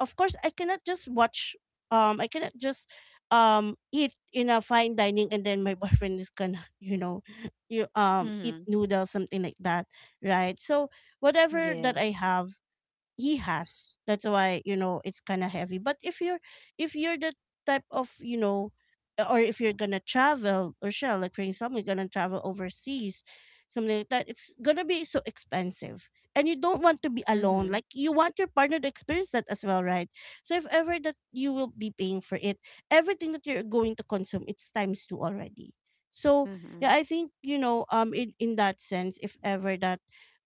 of course I cannot just watch, I cannot just eat in a fine dining and then my [laughs] boyfriend is gonna [laughs] you know, you eat
Mhm.
noodles, something like that, right? So whatever that I
Yes.
have, he has. That's why, you know, it's kind of heavy. But if you're If you're the type of, you know, or if you're gonna travel or shall, like for example, you're gonna travel overseas, something like that, it's gonna be so expensive. And you don't want to be alone.
Mhm.
Like you want your partner to experience that as well, right? So if ever that you will be paying for it, everything that you're going to consume, it's times two already. So
Mhm.
yeah, I think, you know, in that sense, if ever that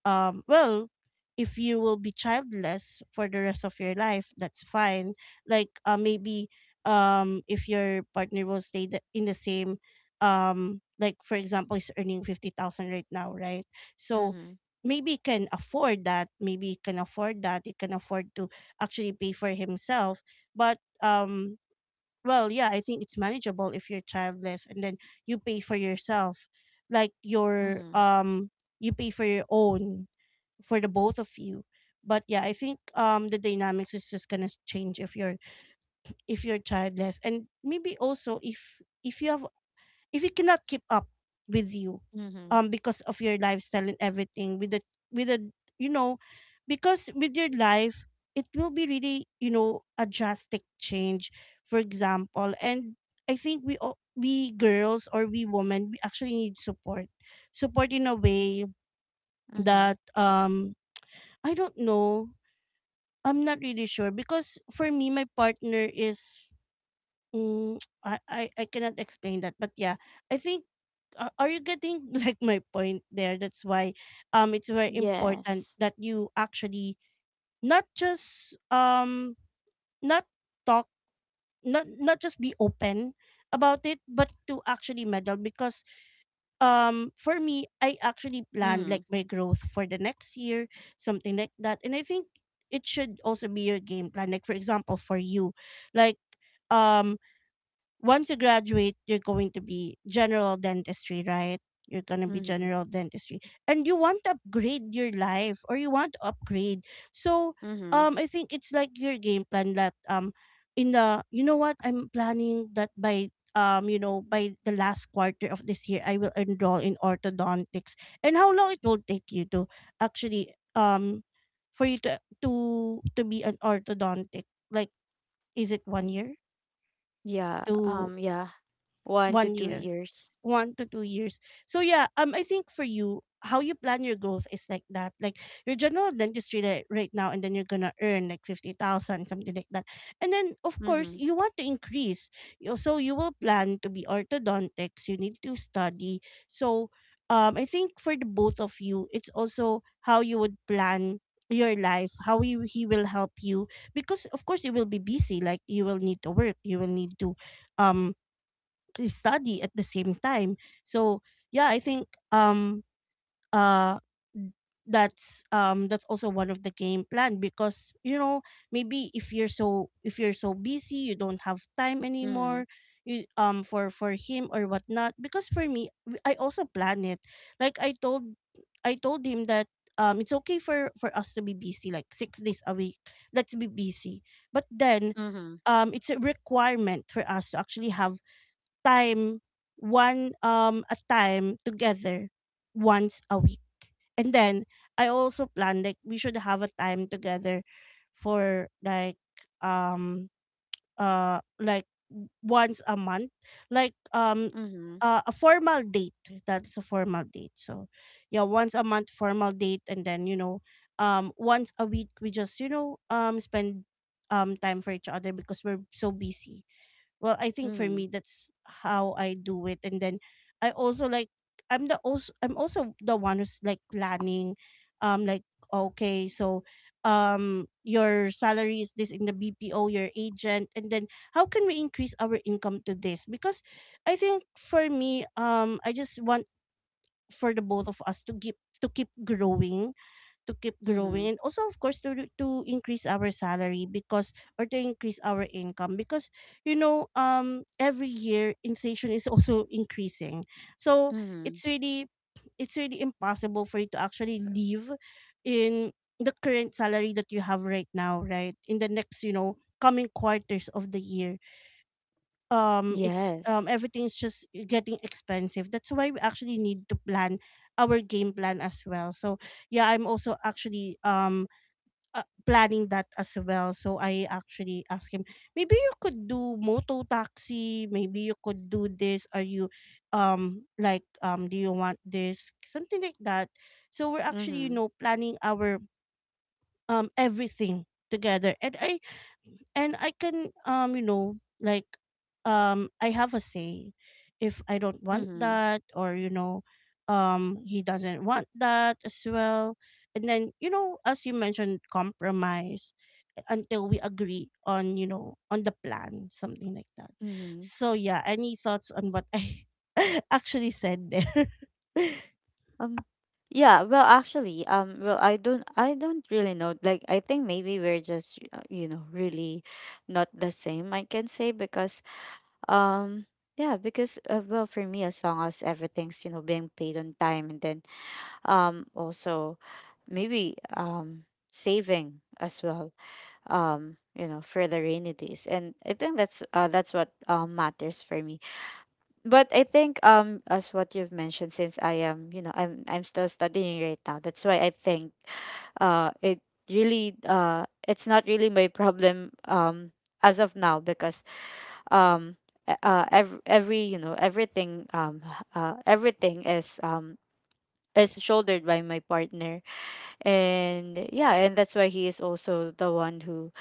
um well if you will be childless for the rest of your life, that's fine. Like maybe, if your partner will stay in the same, like for example, is earning 50,000 right now, right? So
Mhm.
maybe he can afford that. Maybe he can afford that. He can afford to actually pay for himself. But well, yeah, I think it's manageable if you're childless and then you pay for yourself, like
Mhm.
you pay for your own, for the both of you. But yeah, I think the dynamics is just gonna change if you're, if you're childless, and maybe also if you have, if you cannot keep up with you,
Mhm.
because of your lifestyle and everything, with the, with the, you know, because with your life, it will be really, you know, a drastic change, for example. And I think we all, we girls, or we women, we actually need support, support in a way
Mhm.
that I don't know. I'm not really sure, because for me, my partner is. Mm, [tsk] I cannot explain that, but yeah, I think. Are you getting [laughs] like my point there? That's why, it's very important
Yes.
that you actually not just not talk, not not just be open about it, but to actually meddle. Because for me, I actually plan like
Mhm.
my growth for the next year, something like that. And I think it should also be your game plan, like for example for you, like um once you graduate, you're going to be general dentistry, right? You're going to be
Mhm.
general dentistry. And you want to upgrade your life, or you want to upgrade. So,
Mhm.
I think it's like your game plan, that in the, you know, what I'm planning that by, you know, by the last quarter of this year I will enroll in orthodontics. And how long it will take you to actually, for you to be an orthodontic, like, is it 1 year
Yeah.
to
Yeah. 1 to
one
2
year
years.
1 to 2 years? So yeah, I think for you, how you plan your growth is like that. Like your general dentistry right now, and then you're gonna earn like 50,000, something like that. And then of course
Mhm.
you want to increase. So you will plan to be orthodontics. You need to study. So I think for the both of you, it's also how you would plan your life, how you he will help you because of course you will be busy. Like you will need to work. You will need to um study at the same time. So yeah, I think uh that's that's also one of the game plan because you know maybe if you're so busy you don't have time
Mhm.
anymore you for him or whatnot. Because for me, I also plan it. Like I told, I told him that it's okay for us to be busy like 6 days a week. Let's be busy, but then
Mhm.
it's a requirement for us to actually have time, one a time together once a week. And then I also plan like we should have a time together for um like once a month. Like
Mhm.
a formal date. That's a formal date. So yeah, once a month formal date, and then once a week we just spend time for each other because we're so busy. Well, I think for
Mhm.
me that's how I do it. And then I also like, I'm also the one who's like planning, um like okay, so your salary is this in the BPO, your agent. And then how can we increase our income to this? Because I think for me, I just want for the both of us to keep, to keep growing to keep growing,
Mhm.
and also of course to increase our salary, because, or to increase our income, because every year inflation is [laughs] also increasing. So
Mhm.
it's really, it's really impossible for you to actually live in the current salary that you have right now, right, in the next, you know, coming quarters of the year. It's
Yes.
everything's just getting expensive. That's why we actually need to plan our game plan as well. So yeah, I'm also actually uh, planning that as well. So I actually ask him, maybe you could do moto taxi, maybe you could do this, are you do you want this, something like that? So we're actually, you
Mhm.
know, planning our everything together. And I can, you know, like, I have a say if I don't want
Mhm.
that, or you know, he doesn't want that as well. And then, you know, as you mentioned, compromise until we agree on, you know, on the plan, something like that.
Mhm.
So yeah, any thoughts on what I [laughs] actually said there?
Um yeah, well, actually, well, I don't, I don't really know. Like, I think maybe we're just, you know, really not the same, I can say, because um yeah, because well, for me, as long as everything's, you know, being paid on time, and then also, maybe saving as well, you know, for the rainy days. And I think that's what matters for me. But I think as what you've mentioned, since I am, you know, I'm still studying right now, that's why I think it really, it's not really my problem as of now, because um every, you know, everything everything is, is shouldered by my partner. And yeah, and that's why he is also the one who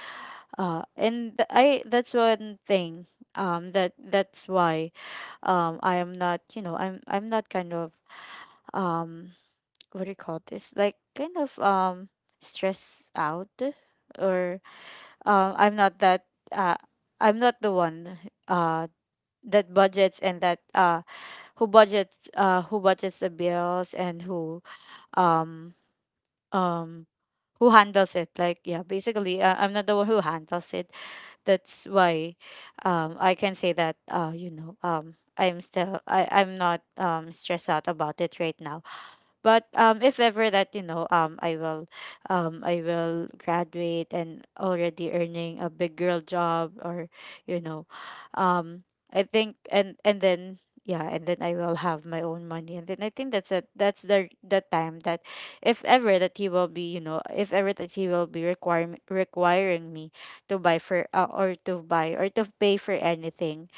I, that's one thing. That, that's why I am not, you know, I'm not kind of um what do you call this, like kind of stressed out, or I'm not that, uh I'm not the one, uh that budgets, and that who budgets, who budgets the bills, and um um who handles it. Like yeah, basically, I'm not the one who handles it. That's why I can say that, you know, I'm still, I I'm not stressed out about it right now. But if ever that, you know, I will graduate and already earning a big girl job, or you know, um, I think, and then yeah, and then I will have my own money. And then I think that's a, that's the time that, if ever that he will be, you know, if ever that he will be requiring me to buy for, or to buy, or to pay for anything,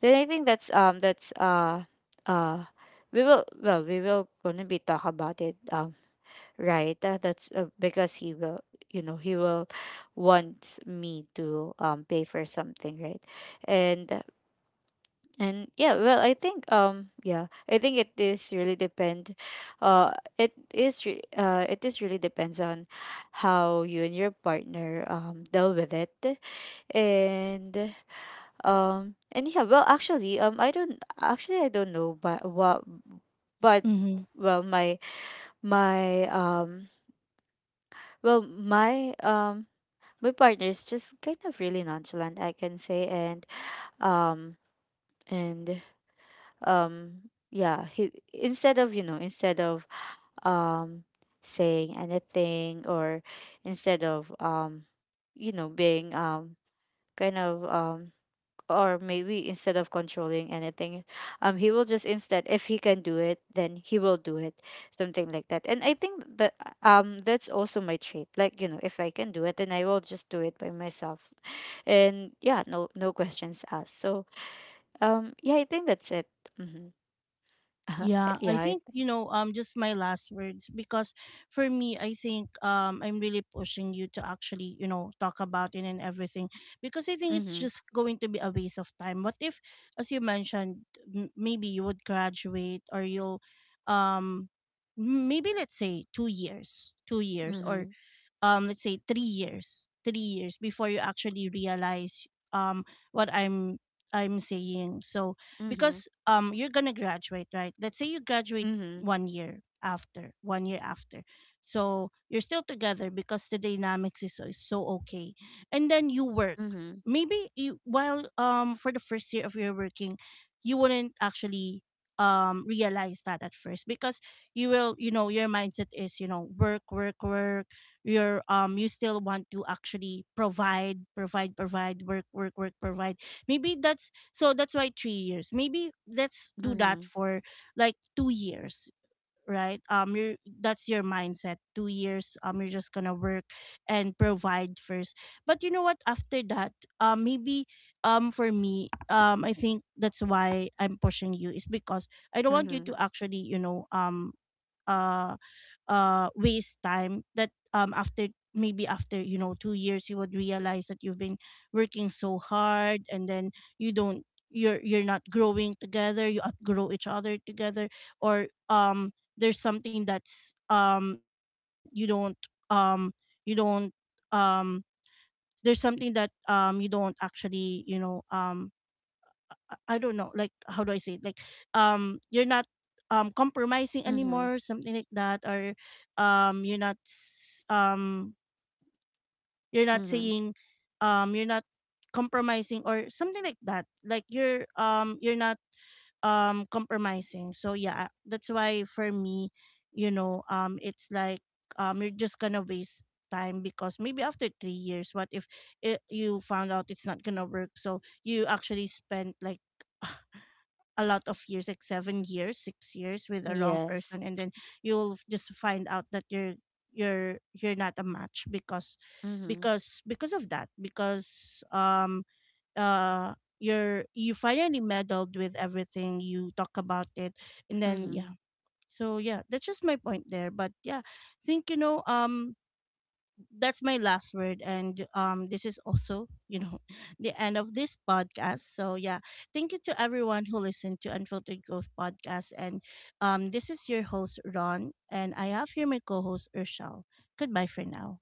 then I think that's uh we will, well, we will gonna be talk about it, right? That's because he will, you know, he will want me to pay for something, right? And and yeah, well, I think yeah, I think it is really depend, it is really depends on how you and your partner deal with it. And and yeah, well, actually, I don't actually, I don't know, but what, but
[laughs]
well, my well, my my partner is just kind of really nonchalant, I can say. And um, and yeah, he, instead of, you know, instead of um saying anything, or instead of you know, being kind of or maybe instead of controlling anything, he will just, instead, if he can do it, then he will do it, something like that. And I think that that's also my trait, like, you know, if I can do it, then I will just do it by myself. And yeah, no, no questions asked. So yeah, I think that's it. Mm-hmm. [laughs]
Yeah,
Yeah,
I think, you know, just my last words, because for me I think I'm really pushing you to actually, you know, talk about it and everything, because I think it's
mm-hmm,
just going to be a waste of time. What if, as you mentioned, maybe you would graduate, or you'll um maybe let's say 2 years, 2 years, or
mm-hmm,
let's say 3 years, before you actually realize um what I'm saying. So
mm-hmm,
because you're going to graduate, right? Let's say you graduate
mm-hmm,
1 year after, so you're still together because the dynamics is so okay. And then you work,
mm-hmm,
maybe you while for the first year of your working you wouldn't actually realize that at first, because you will, you know, your mindset is, you know, work, work, work. You're you still want to actually provide, provide, provide, work, work, work, provide. Maybe that's, so that's why 3 years, maybe let's do
mm-hmm,
that for like 2 years, right? You're, that's your mindset, 2 years, you're just gonna work and provide first. But you know what, after that maybe for me I think that's why I'm pushing you, is because I don't want you
mm-hmm,
to actually, you know, uh, waste time, that after, maybe after, you know, 2 years you would realize that you've been working so hard, and then you don't, you're not growing together, you outgrow each other together. Or there's something that's, you don't um there's something that you don't actually, you know, I don't know, like, how do I say it? Like, you're not compromising
mm-hmm,
anymore, something like that, or um you're not s- um you're not
mm-hmm,
saying, you're not compromising, or something like that. Like you're, you're not compromising. So yeah, that's why for me, you know, it's like you're just gonna waste time, because maybe after 3 years, what if it, you found out it's not gonna work? So you actually spent like [laughs] a lot of years, like 7 years, 6 years with a wrong
yes,
person, and then you'll just find out that you're not a match because,
mm-hmm,
of that, because uh you're, you finally meddled with everything, you talk about it, and then yeah.
mm-hmm.
So yeah, that's just my point there. But yeah, I think, you know, that's my last word. And this is also, you know, [laughs] the end of this podcast. So yeah, thank you to everyone who listened to Unfiltered Growth Podcast. And this is your host Ron, and I have here my co-host Urshel. Goodbye for now.